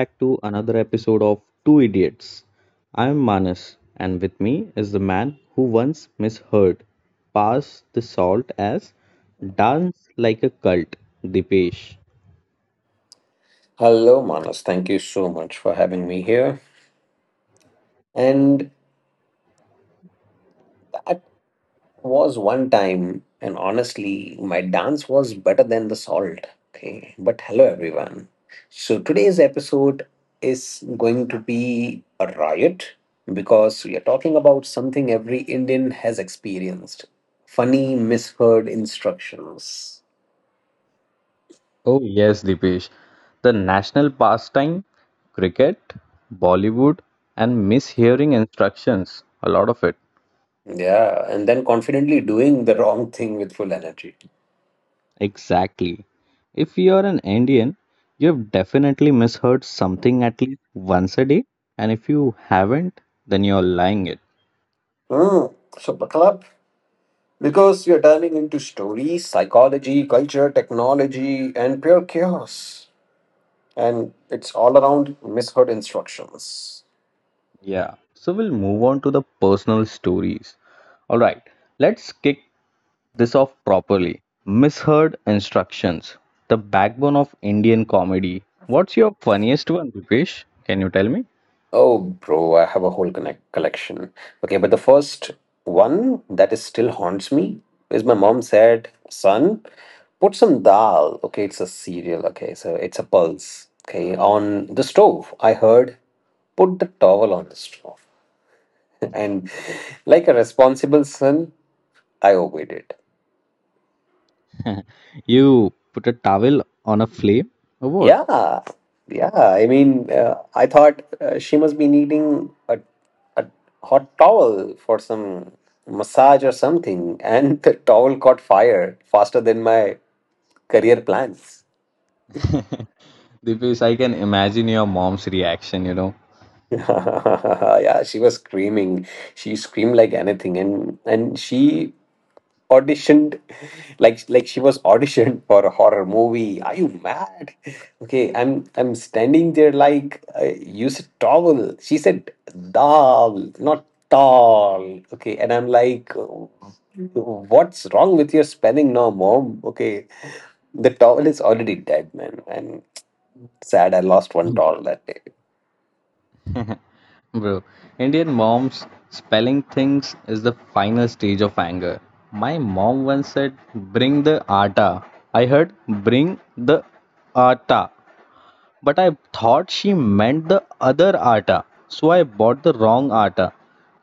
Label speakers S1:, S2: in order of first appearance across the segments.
S1: Back to another episode of Two Idiots. I am Manas, and with me is the man who once misheard Pass the Salt as Dance Like a Cult, Dipesh.
S2: hello, Manas. Thank you so much for having me here. And that was one time, and honestly, my dance was better than the salt. Okay. But hello, everyone. So today's episode is going to be a riot because we are talking about something every Indian has experienced: funny, misheard instructions.
S1: Oh, yes, Dipesh. The national pastime, cricket, Bollywood, and mishearing instructions, a lot of it.
S2: Yeah. And then confidently doing the wrong thing with full energy.
S1: Exactly. If you are an Indian, you've definitely misheard something at least once a day, and if you haven't, then you're lying it.
S2: Hmm. So, buckle up because you're diving into stories, psychology, culture, technology, and pure chaos. And it's all around misheard instructions.
S1: Yeah. So we'll move on to the personal stories. All right, let's kick this off properly. Misheard instructions, the backbone of Indian comedy. What's your funniest one, Rupesh? Can you tell me?
S2: Oh, bro, I have a whole connect collection. Okay, but the first one that is still haunts me is my mom said, "Son, put some dal." Okay, it's a cereal. Okay, so it's a pulse. Okay, on the stove. I heard, "Put the towel on the stove," and like a responsible son, I obeyed it.
S1: You put a towel on a flame or what?
S2: Yeah, yeah. I thought she must be needing a hot towel for some massage or something, and the towel caught fire faster than my career plans.
S1: Dipesh, I can imagine your mom's reaction,
S2: Yeah, she was screaming. She screamed like anything, and she auditioned like she was auditioned for a horror movie. Are you mad? Okay, I'm standing there like use a towel. She said dal, not tall. Okay, and I'm like, what's wrong with your spelling now, mom? Okay, the towel is already dead, man. And sad, I lost one towel that day.
S1: Bro, Indian moms spelling things is the final stage of anger. My mom once said, Bring the atta. I heard, Bring the atta. But I thought she meant the other atta. So I bought the wrong atta.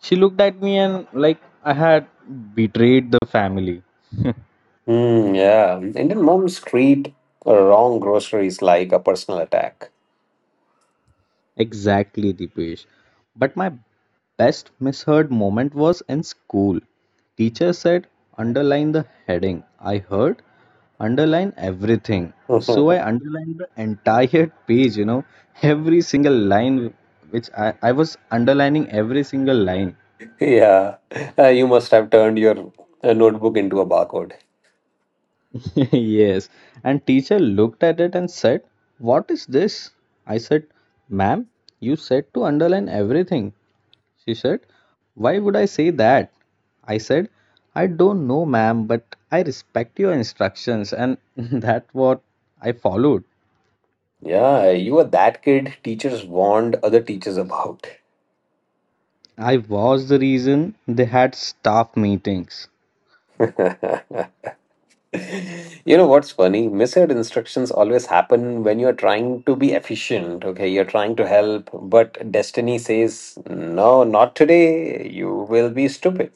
S1: She looked at me and, like, I had betrayed the family.
S2: Hmm. Yeah, Indian moms treat a wrong groceries like a personal attack.
S1: Exactly, Dipesh. But my best misheard moment was in school. Teacher said, underline the heading. I heard, underline everything. So I underlined the entire page, every single line, which I was underlining every single line.
S2: Yeah, you must have turned your notebook into a barcode.
S1: Yes. And teacher looked at it and said, What is this? I said, Ma'am, you said to underline everything. She said, Why would I say that? I said, I don't know, ma'am, but I respect your instructions, and that's what I followed.
S2: Yeah, you were that kid teachers warned other teachers about.
S1: I was the reason they had staff meetings.
S2: You know what's funny? Misheard instructions always happen when you're trying to be efficient, okay? You're trying to help, but destiny says, no, not today. You will be stupid.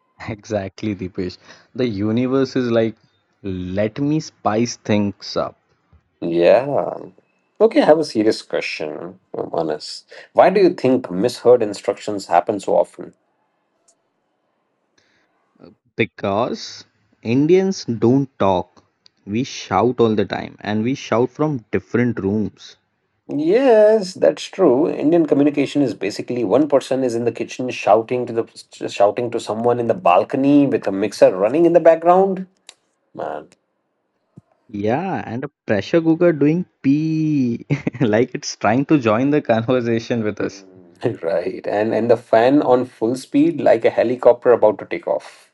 S1: Exactly, Deepesh. The universe is like, let me spice things up.
S2: Yeah. Okay, I have a serious question, Manas. Why do you think misheard instructions happen so often?
S1: Because Indians don't talk. We shout all the time, and we shout from different rooms.
S2: Yes, that's true. Indian communication is basically one person is in the kitchen shouting to someone in the balcony with a mixer running in the background. Man.
S1: Yeah, and a pressure cooker doing pee like it's trying to join the conversation with us.
S2: Right. And the fan on full speed like a helicopter about to take off.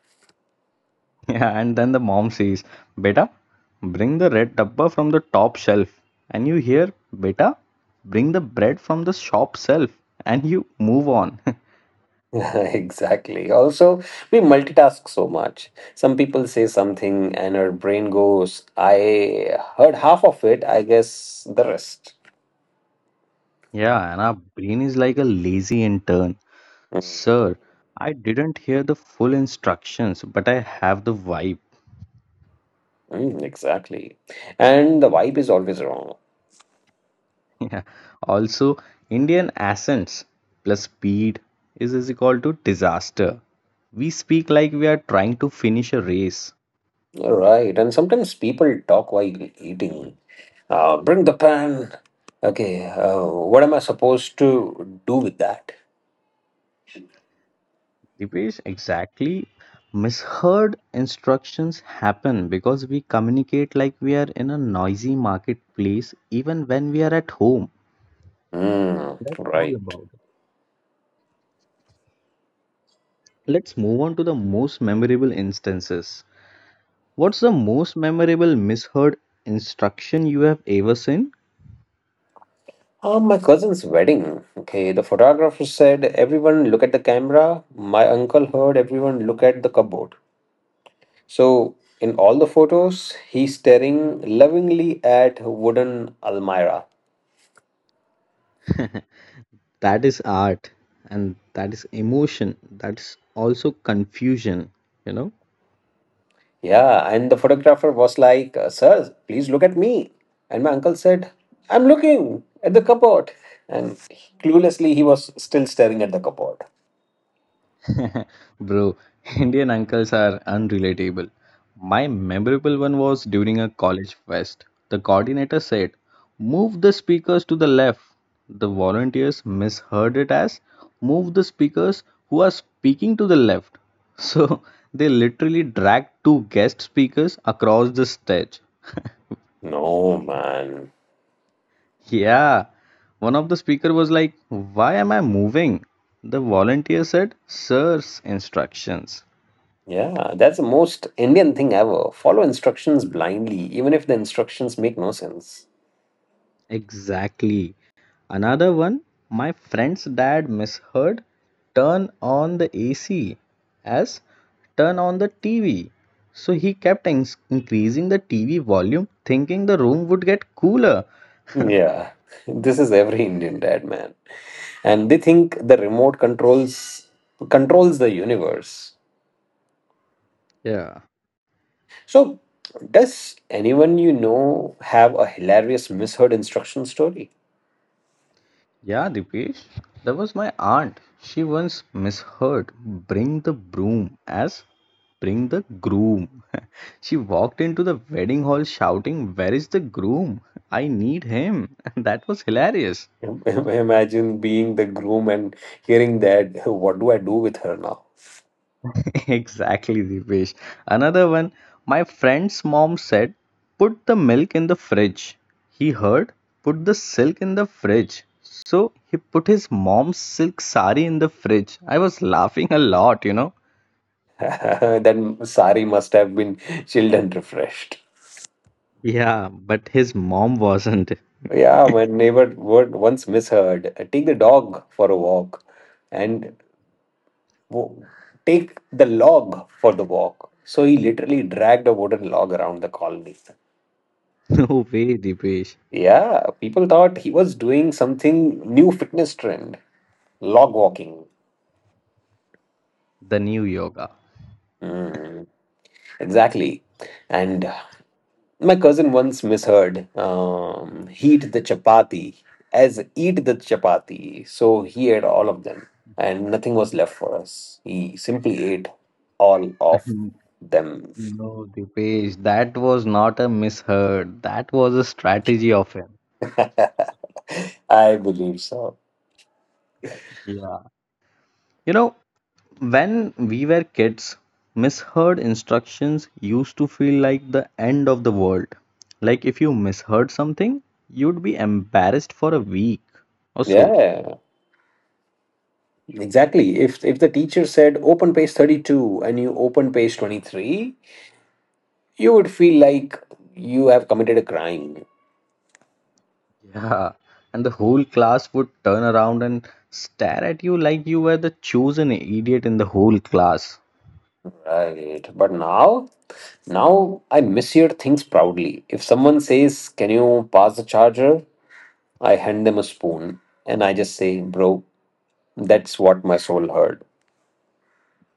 S1: Yeah, and then the mom says, Beta, bring the red dabba from the top shelf. And you hear, Beta, bring the bread from the shop shelf. And you move on.
S2: Exactly. Also, we multitask so much. Some people say something and our brain goes, I heard half of it, I guess the rest.
S1: Yeah, and our brain is like a lazy intern.
S2: Mm,
S1: Sir, I didn't hear the full instructions, but I have the vibe.
S2: exactly. And the vibe is always wrong.
S1: Yeah. Also, Indian accents plus speed is equal to disaster. We speak like we are trying to finish a race.
S2: Right, and sometimes people talk while eating. Bring the pan. Okay, what am I supposed to do with that?
S1: Dipesh, exactly. Misheard instructions happen because we communicate like we are in a noisy marketplace even when we are at home. That's all
S2: Right.
S1: about it. Let's move on to the most memorable instances. What's the most memorable misheard instruction you have ever seen?
S2: My cousin's wedding. Okay, the photographer said, everyone look at the camera. My uncle heard, everyone look at the cupboard. So, in all the photos, he's staring lovingly at wooden almirah.
S1: That is art and that is emotion, that's also confusion, you know
S2: Yeah, and the photographer was like, sir, please look at me. And my uncle said, I'm looking at the cupboard. And cluelessly, he was still staring at the cupboard.
S1: bro Indian uncles are unrelatable. My memorable one was during a college fest. The coordinator said move the speakers to the left. The volunteers misheard it as move the speakers who are speaking to the left, so they literally dragged two guest speakers across the stage.
S2: No, man.
S1: Yeah, one of the speaker was like, "Why am I moving?" The volunteer said, "Sir's instructions."
S2: Yeah, that's the most Indian thing ever. Follow instructions blindly, even if the instructions make no sense.
S1: Exactly. Another one, my friend's dad misheard turn on the AC as turn on the TV. So he kept increasing the TV volume thinking the room would get cooler.
S2: Yeah, this is every Indian dad, man. And they think the remote controls the universe.
S1: Yeah.
S2: So, does anyone you know have a hilarious misheard instruction story?
S1: Yeah, Dipesh, that was my aunt. She once misheard bring the broom as bring the groom. She walked into the wedding hall shouting, Where is the groom? I need him. That was hilarious.
S2: Imagine being the groom and hearing that, "Hey, what do I do with her now?"
S1: Exactly, Dipesh. Another one, my friend's mom said, Put the milk in the fridge. He heard, Put the silk in the fridge. So he put his mom's silk sari in the fridge. I was laughing a lot,
S2: Then sari must have been chilled and refreshed.
S1: Yeah, but his mom wasn't.
S2: Yeah, my neighbor word once misheard take the dog for a walk and wo- take the log for the walk. So he literally dragged a wooden log around the colony.
S1: No way, Dipesh.
S2: Yeah, people thought he was doing something new fitness trend, log walking.
S1: The new yoga.
S2: Mm, exactly. And my cousin once misheard heat the chapati as eat the chapati. So he ate all of them and nothing was left for us. He simply ate all of them.
S1: No, Dipesh, that was not a misheard. That was a strategy of him.
S2: I believe so.
S1: Yeah. You know, when we were kids, misheard instructions used to feel like the end of the world. Like if you misheard something, you'd be embarrassed for a week or so.
S2: Yeah, exactly. If the teacher said open page 32 and you open page 23, you would feel like you have committed a crime,
S1: Yeah, and the whole class would turn around and stare at you like you were the chosen idiot in the whole class.
S2: right? But now I measure things proudly. If someone says, can you pass the charger, I hand them a spoon and I just say, bro, that's what my soul heard.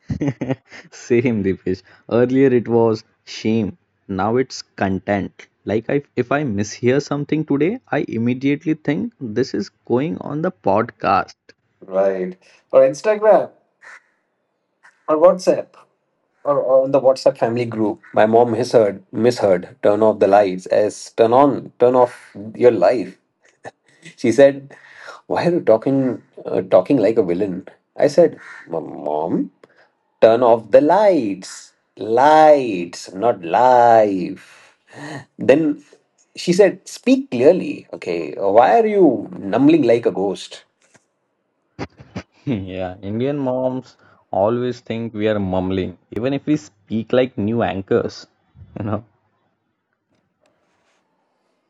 S1: Same, Dipesh. Earlier it was shame. Now it's content. Like I, if I mishear something today, I immediately think this is going on the podcast.
S2: Right, or Instagram or WhatsApp, or on the WhatsApp family group, my mom misheard turn off the lights as turn off your life. She said, why are you talking, talking like a villain? I said, mom, turn off the lights. Lights, not life. Then she said, speak clearly. Okay, why are you numbling like a ghost?
S1: Yeah, Indian moms always think we are mumbling, even if we speak like new anchors, you know.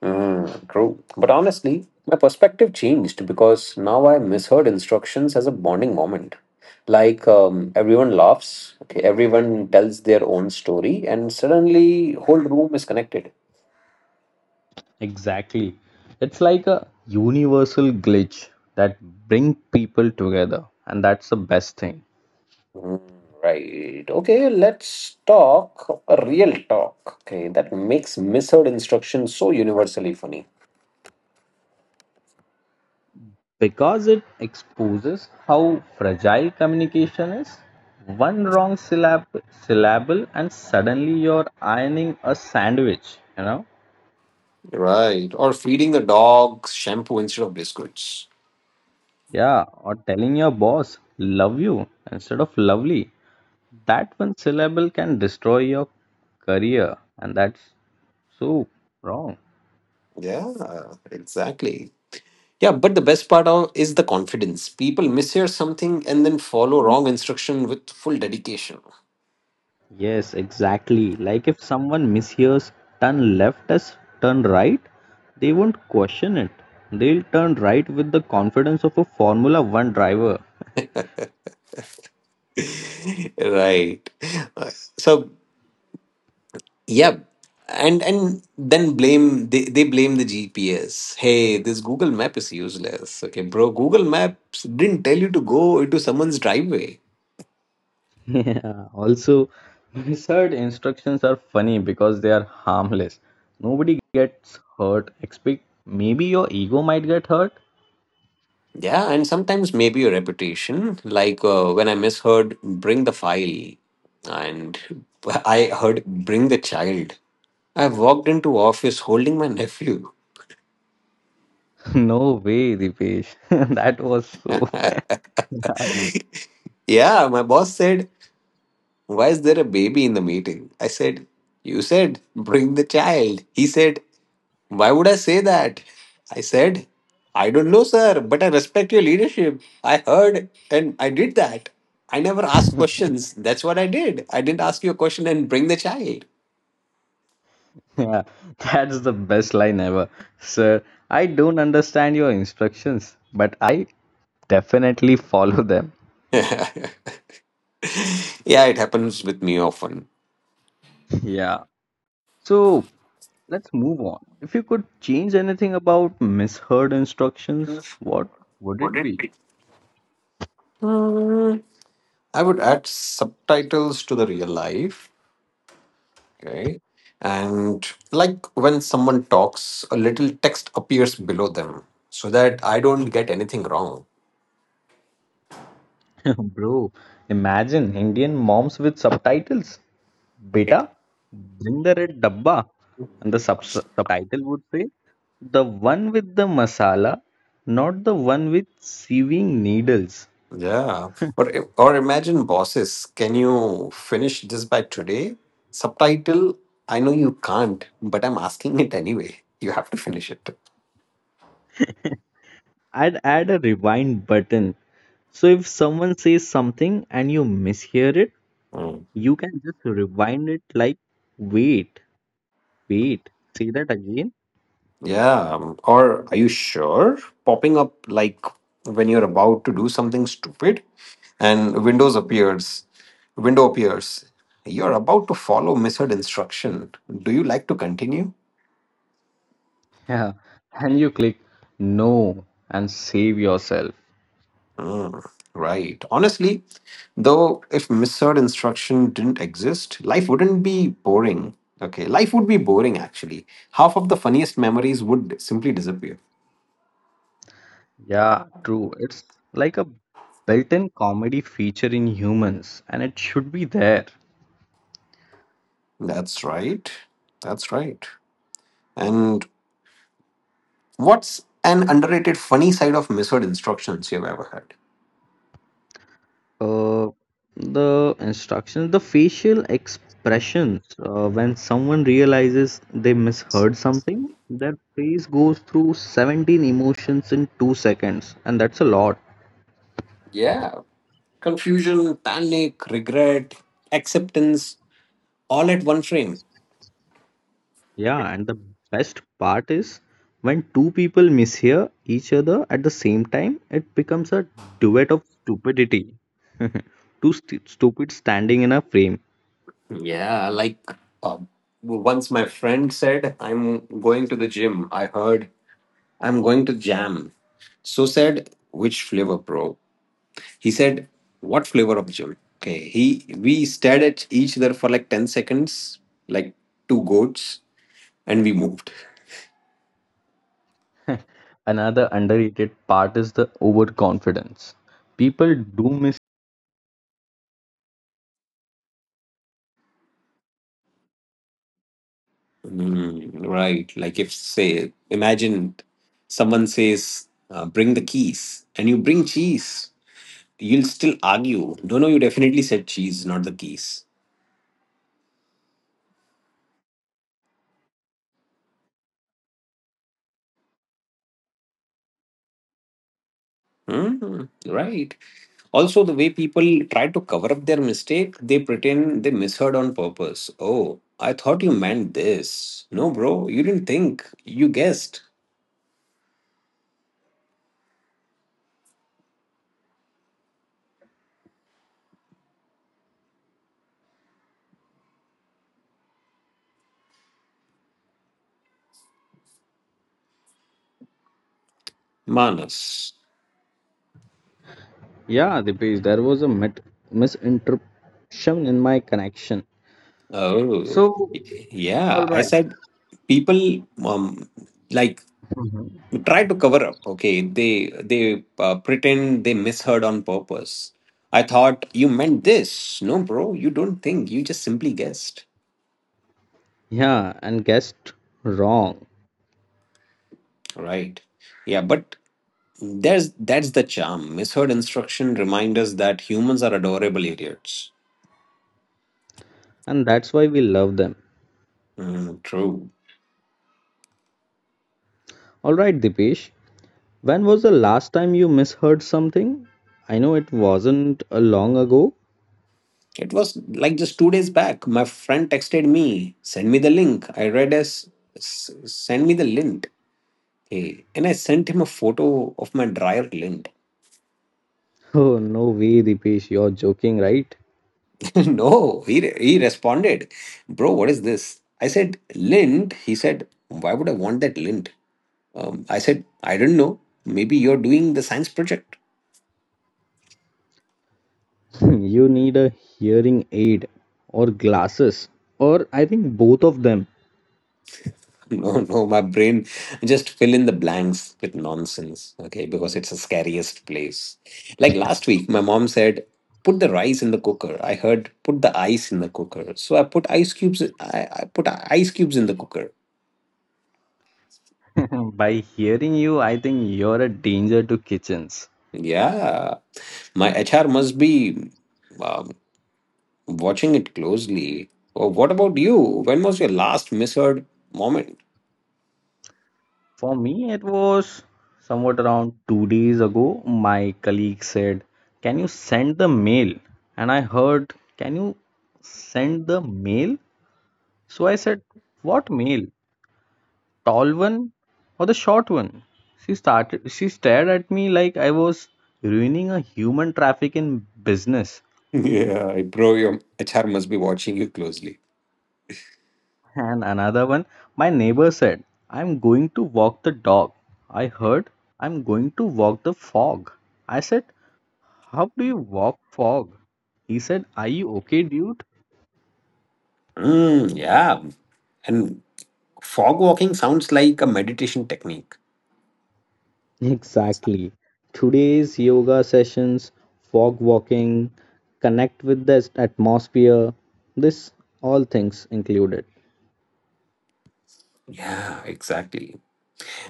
S2: True. But honestly, my perspective changed because now I misheard instructions as a bonding moment. Like everyone laughs, okay, everyone tells their own story, and suddenly whole room is connected.
S1: Exactly. It's like a universal glitch that brings people together, and that's the best thing.
S2: Mm, Right. Okay, let's talk a real talk. Okay, that makes misheard instructions so universally funny.
S1: Because it exposes how fragile communication is. One wrong syllable, and suddenly you're ironing a sandwich,
S2: Right. Or feeding the dog shampoo instead of biscuits.
S1: Yeah, or telling your boss, love you, instead of lovely. That one syllable can destroy your career, and that's so wrong.
S2: Yeah, exactly. Yeah, but the best part is the confidence. People mishear something and then follow wrong instruction with full dedication.
S1: Yes, exactly. Like if someone mishears turn left as turn right, they won't question it. They'll turn right with the confidence of a Formula One driver.
S2: Right. Uh, So yeah, and then blame they blame the GPS. Hey, this Google Map is useless. Okay, bro, Google Maps didn't tell you to go into someone's driveway.
S1: Yeah, also, wizard instructions are funny because they are harmless. Nobody gets hurt, except maybe your ego might get hurt.
S2: Yeah, and sometimes maybe your reputation. Like when I misheard, bring the file, and I heard bring the child. I walked into office holding my nephew.
S1: No way, Dipesh. That was so.
S2: Yeah, my boss said, why is there a baby in the meeting? I said, you said, bring the child. He said, why would I say that? I said, I don't know, sir, but I respect your leadership. I heard and I did that. I never asked questions. That's what I did. I didn't ask you a question and bring the child.
S1: Yeah, that's the best line ever. Sir, I don't understand your instructions, but I definitely follow them.
S2: Yeah, it happens with me often.
S1: Yeah. So let's move on. If you could change anything about misheard instructions, what would
S2: Would
S1: it
S2: it
S1: be?
S2: be? Hmm, I would add subtitles to the real life. Okay. And like when someone talks, a little text appears below them so that I don't get anything wrong.
S1: Bro, imagine Indian moms with subtitles. Beta, bring the red dabba. And the subtitle would say, the one with the masala, not the one with sewing needles.
S2: Yeah. Or imagine bosses, can you finish this by today? Subtitle, I know you can't, but I'm asking it anyway. You have to finish it.
S1: I'd add a rewind button. So if someone says something and you mishear it,
S2: Mm.
S1: you can just rewind it like, wait, wait, say that again.
S2: Yeah. Or are you sure? Popping up like when you're about to do something stupid. And window appears, you're about to follow misheard instruction, do you like to continue?
S1: Yeah. And you click no and save yourself.
S2: Mm, right, honestly though, if misheard instruction didn't exist, life wouldn't be boring. Okay, life would be boring actually. Half of the funniest memories would simply disappear.
S1: Yeah, true. It's like a built-in comedy feature in humans, and it should be there.
S2: That's right, that's right. And what's an underrated funny side of misheard instructions you've ever had?
S1: Uh, the instructions, the facial expressions, when someone realizes they misheard something, their face goes through 17 emotions in 2 seconds, and that's a lot.
S2: Yeah, confusion, panic, regret, acceptance, all at one frame.
S1: Yeah, and the best part is when two people mishear each other at the same time, it becomes a duet of stupidity. Two stupid standing in a frame.
S2: Yeah, like uh, once my friend said, I'm going to the gym. I heard, I'm going to jam. So said, which flavor, bro? He said, what flavor of jam? Okay, he we stared at each other for like 10 seconds, like two goats, and we moved.
S1: Another underrated part is the overconfidence. People do.
S2: Right, like if, say, imagine someone says, bring the keys, and you bring cheese. You'll still argue. No, no, you definitely said cheese, not the keys. Hmm, right. Also, the way people try to cover up their mistake, they pretend they misheard on purpose. Oh, I thought you meant this. No, bro, you didn't think. You guessed. Manas.
S1: Yeah, Dipesh, there was a misinterruption in my connection.
S2: Oh,
S1: So,
S2: yeah. I said people like try to cover up. Okay, they pretend they misheard on purpose. I thought you meant this. No, bro, you don't think, you just simply guessed.
S1: yeah, and guessed wrong.
S2: Right, yeah, but there's that's the charm. Misheard instruction reminds us that humans are adorable idiots.
S1: And that's why we love them.
S2: True,
S1: All right, Dipesh, when was the last time you misheard something? I know it wasn't a long ago.
S2: it was like just 2 days back, my friend texted me, send me the link. I read as send me the lint. Hey, and I sent him a photo of my dryer lint.
S1: Oh, no way, Dipesh, you're joking, right?
S2: No, he responded, bro, what is this? I said, lint. He said, why would I want that lint? I said, I don't know. Maybe you're doing the science project.
S1: You need a hearing aid or glasses, or I think both of them.
S2: No, no, my brain just fill in the blanks with nonsense. Okay, because it's the scariest place. Like last week, my mom said, put the rice in the cooker. I heard put the ice in the cooker. So I put ice cubes I put ice cubes in the cooker.
S1: By hearing you, I think you're a danger to kitchens.
S2: Yeah. My HR must be wow watching it closely. Oh, what about you? When was your last misheard moment?
S1: For me, it was somewhat around 2 days ago. My colleague said, Can you send the mail? And I heard, Can you send the mail? So I said, What mail? Tall one or the short one? She stared at me like I was ruining a human traffic in business.
S2: Yeah, bro, your HR must be watching you closely.
S1: And another one, my neighbor said, I'm going to walk the dog. I heard, I'm going to walk the fog. I said, How do you walk fog? He said, Are you okay, dude?
S2: Yeah, and fog walking sounds like a meditation technique.
S1: Exactly. Today's yoga sessions, fog walking, connect with the atmosphere, this all things included.
S2: Yeah, exactly.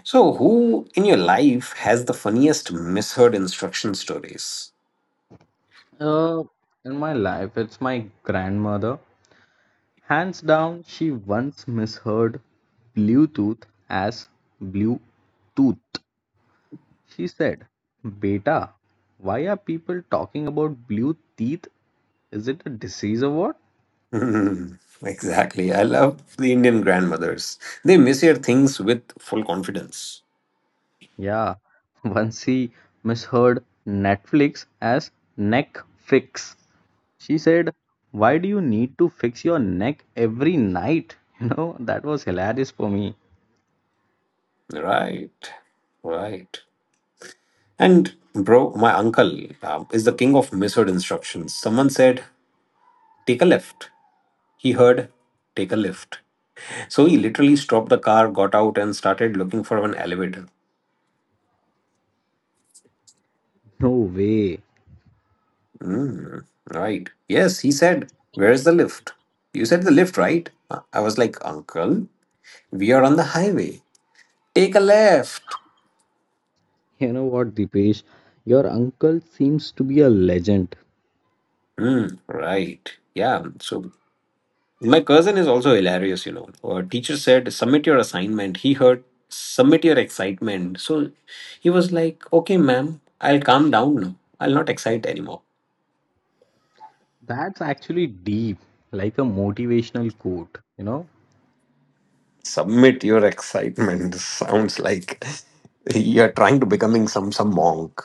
S2: So, who in your life has the funniest misheard instruction stories?
S1: Uh, in my life, it's my grandmother. Hands down, she once misheard Bluetooth as Blue Tooth. She said, Beta, why are people talking about blue teeth? Is it a disease or what?
S2: Hmm, exactly. I love the Indian grandmothers. They mishear things with full confidence.
S1: Yeah, once he misheard Netflix as neck fix. She said, Why do you need to fix your neck every night? You know, that was hilarious for me.
S2: Right, right. And bro, my uncle is the king of misheard instructions. Someone said, take a left. He heard, take a lift. So he literally stopped the car, got out, and started looking for an elevator.
S1: No way.
S2: Mm, right. Yes, he said, where's the lift? You said the lift, right? I was like, uncle, we are on the highway. Take a left.
S1: You know what, Dipesh? Your uncle seems to be a legend.
S2: Mm, right. Yeah. So my cousin is also hilarious, Our teacher said, submit your assignment. He heard, submit your excitement. So he was like, okay, ma'am, I'll calm down now. I'll not excite anymore.
S1: That's actually deep, like a motivational quote,
S2: Submit your excitement. Sounds like you're trying to becoming some monk.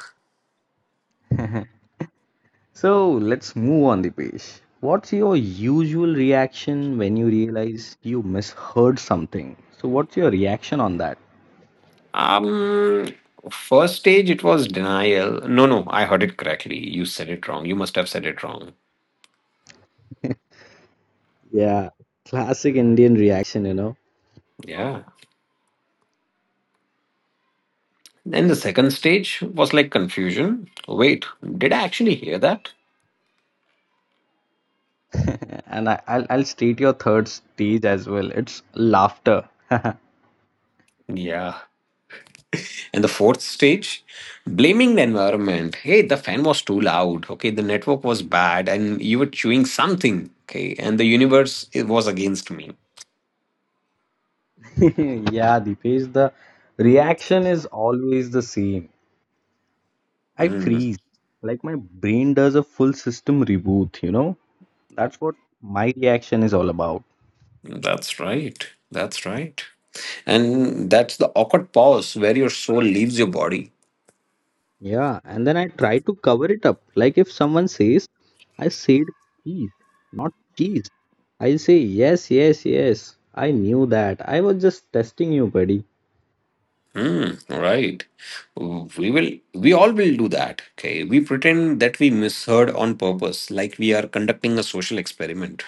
S1: So let's move on, Dipesh. What's your usual reaction when you realize you misheard something? So, what's your reaction on that?
S2: Um, First stage, it was denial. No, no, I heard it correctly. You said it wrong. You must have said it wrong.
S1: Yeah, classic Indian reaction,
S2: Yeah. Then the second stage was like confusion. Wait, did I actually hear that?
S1: And I'll state your third stage as well. It's laughter.
S2: Yeah. And the fourth stage, blaming the environment. Hey, the fan was too loud. Okay, the network was bad, and you were chewing something. Okay, and the universe it was against me.
S1: Yeah, Deepesh, the reaction is always the same. I
S2: Hmm,
S1: freeze. Like my brain does a full system reboot, That's what my reaction is all about.
S2: that's right. That's right. And that's the awkward pause where your soul leaves your body.
S1: Yeah, and then I try to cover it up. Like if someone says, I said cheese, not cheese. I say, yes, yes, yes. I knew that. I was just testing you, buddy.
S2: Hmm, right. We will. We all will do that. Okay. We pretend that we misheard on purpose, like we are conducting a social experiment.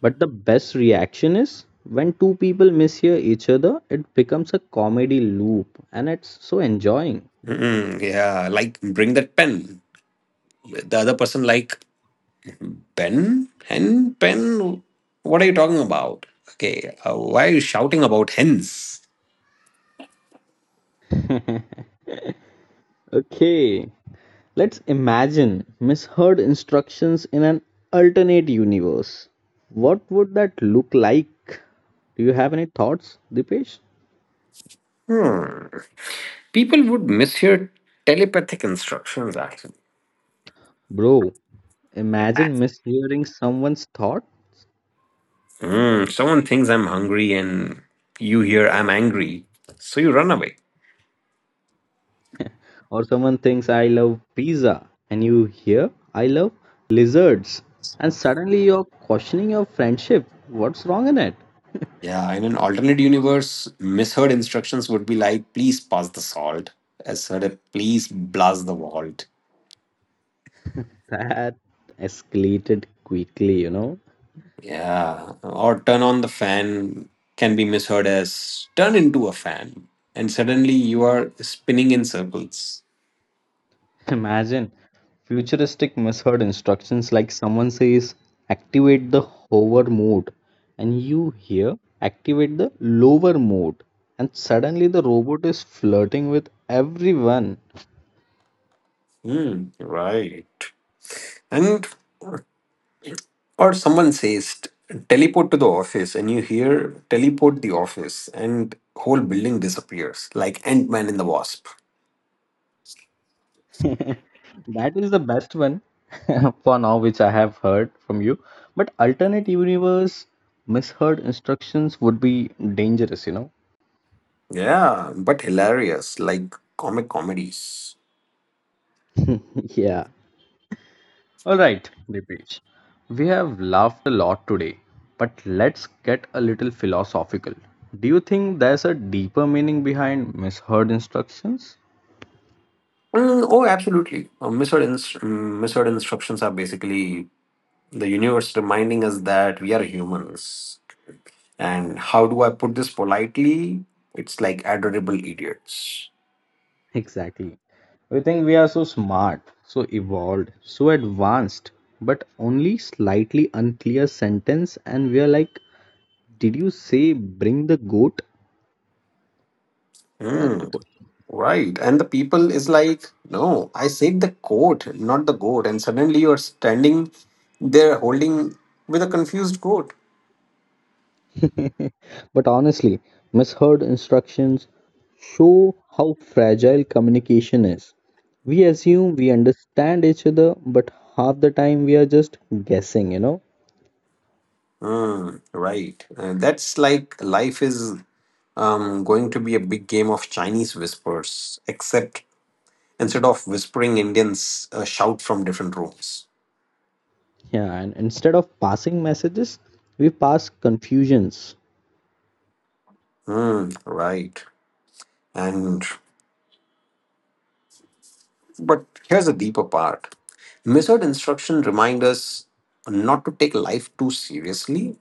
S1: But the best reaction is when two people mishear each other, it becomes a comedy loop and it's so enjoying.
S2: Mm, yeah, like bring that pen. The other person like Ben? Hen? Pen! What are you talking about? Okay, why are you shouting about hens?
S1: Okay, let's imagine misheard instructions in an alternate universe. What would that look like? Do you have any thoughts, Dipesh?
S2: Hmm. People would mishear telepathic instructions, actually.
S1: Bro, imagine mishearing someone's thought.
S2: Hmm. Someone thinks I'm hungry and you hear I'm angry, so you run away.
S1: Or someone thinks, I love pizza, and you hear, I love lizards. And suddenly you're questioning your friendship. What's wrong in it?
S2: Yeah, in an alternate universe, misheard instructions would be like, please pass the salt. As said, please blast the vault.
S1: That escalated quickly,
S2: Yeah, or turn on the fan can be misheard as turn into a fan, and suddenly you are spinning in circles.
S1: Imagine futuristic misheard instructions like someone says, activate the hover mode, and you hear, activate the lower mode. And suddenly the robot is flirting with everyone.
S2: Hmm, right. And or someone says teleport to the office, and you hear teleport the office, and whole building disappears like Ant Man in the Wasp.
S1: That is the best one for now, which I have heard from you. But alternate universe misheard instructions would be dangerous,
S2: Yeah, but hilarious like comic comedies.
S1: Yeah. All right, Dipesh. We have laughed a lot today, but let's get a little philosophical. Do you think there's a deeper meaning behind misheard instructions?
S2: Mm, oh, absolutely. Misheard, misheard instructions are basically the universe reminding us that we are humans. And how do I put this politely? It's like adorable idiots.
S1: Exactly. We think we are so smart, so evolved, so advanced, but only slightly unclear sentence, and we are like, Did you say bring the goat? That's
S2: Hmm,
S1: the
S2: right. And the people is like, no, I said the coat, not the goat. And suddenly you are standing there holding with a confused goat.
S1: question. But honestly, misheard instructions show how fragile communication is. We assume we understand each other, but half the time we are just guessing,
S2: Hmm, right. That's like life is going to be a big game of Chinese whispers, except instead of whispering, Indians shout from different rooms.
S1: Yeah, and instead of passing messages, we pass confusions.
S2: Hmm, right. And but here's a deeper part. Measured instruction remind us not to take life too seriously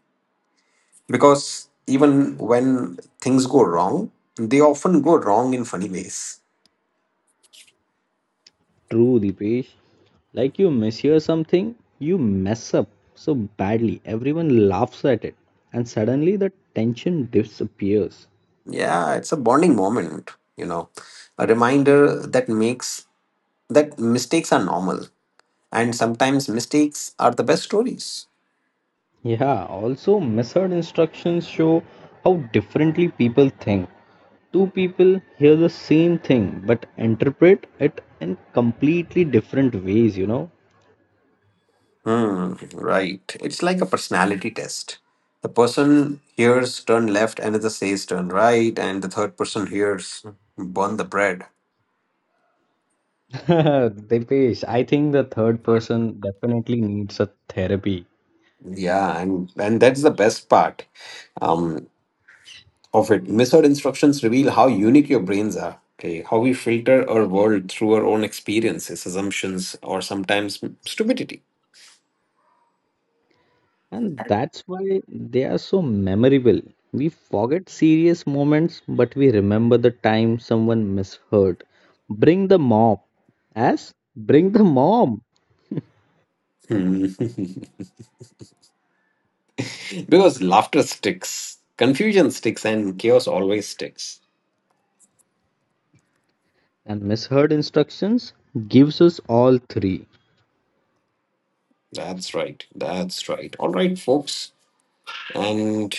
S2: because even when things go wrong, they often go wrong in funny ways.
S1: True, Dipesh. Like you mishear something, you mess up so badly, everyone laughs at it, and suddenly the tension disappears.
S2: Yeah, it's a bonding moment, A reminder that makes that mistakes are normal and sometimes mistakes are the best stories.
S1: Yeah, also, misheard instructions show how differently people think. Two people hear the same thing but interpret it in completely different ways,
S2: Hmm, right. It's like a personality test. The person hears turn left, another says turn right, and the third person hears burn the bread.
S1: Dipesh, I think the third person definitely needs a therapy.
S2: Yeah, and that's the best part um, of it. Misheard instructions reveal how unique your brains are. Okay, how we filter our world through our own experiences, assumptions, or sometimes stupidity.
S1: And that's why they are so memorable. We forget serious moments, but we remember the time someone misheard. Bring the mom. As bring the mom.
S2: Hmm. because laughter sticks, confusion sticks, and chaos always sticks.
S1: And misheard instructions gives us all three.
S2: That's right. That's right. All right, folks. And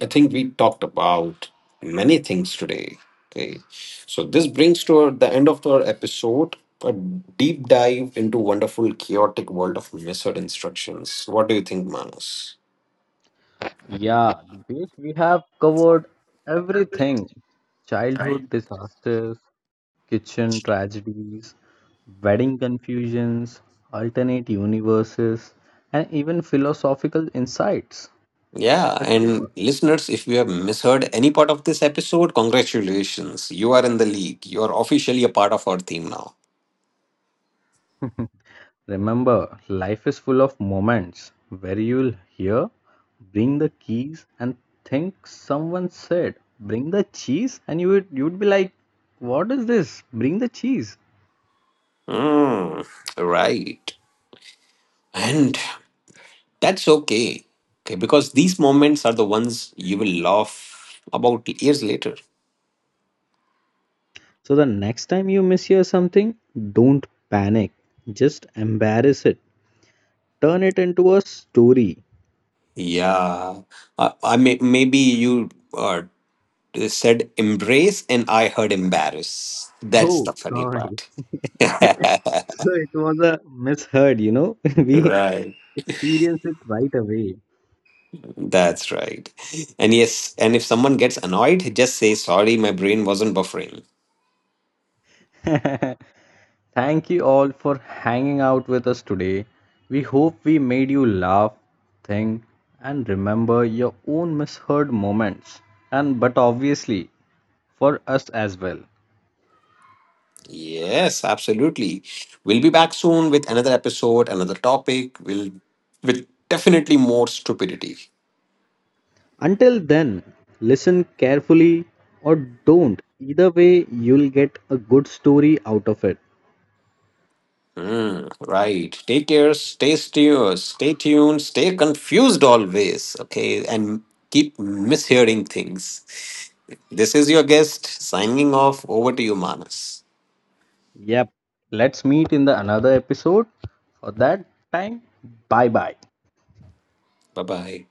S2: I think we talked about many things today. Okay. So this brings to the end of our episode a deep dive into wonderful chaotic world of method instructions. What do you think, Manas?
S1: Yeah, Dipesh, we have covered everything. Childhood disasters, kitchen tragedies, wedding confusions, alternate universes, and even philosophical insights.
S2: Yeah,
S1: It's a
S2: and
S1: lot.
S2: listeners, if you have misheard any part of this episode, congratulations. You are in the league. You are officially a part of our team now.
S1: Remember, life is full of moments where you'll hear, bring the keys, and think someone said, bring the cheese, and you would you'd be like, what is this? Bring the cheese.
S2: Mm, right. And that's okay. Okay, because these moments are the ones you will laugh about years later.
S1: So the next time you mishear something, don't panic. Just embarrass it. Turn it into a story.
S2: Yeah. I may, maybe you uh, said embrace and I heard embarrass. That's
S1: Oh,
S2: the funny
S1: sorry.
S2: part.
S1: So it was a misheard, We
S2: right.
S1: experienced it right away.
S2: That's right. And yes, and if someone gets annoyed, just say, sorry, my brain wasn't buffering.
S1: Thank you all for hanging out with us today. We hope we made you laugh, think, and remember your own misheard moments, and but obviously for us as well.
S2: Yes, absolutely. We'll be back soon with another episode, another topic. We'll with definitely more stupidity.
S1: Until then, listen carefully or don't. Either way, you'll get a good story out of it.
S2: Mm, right. Take care, stay still, stay tuned, stay confused always. Okay. And keep mishearing things. This is your guest signing off. Over to you, Manas.
S1: Yep. Let's meet in the another episode. For that time, bye bye.
S2: Bye bye.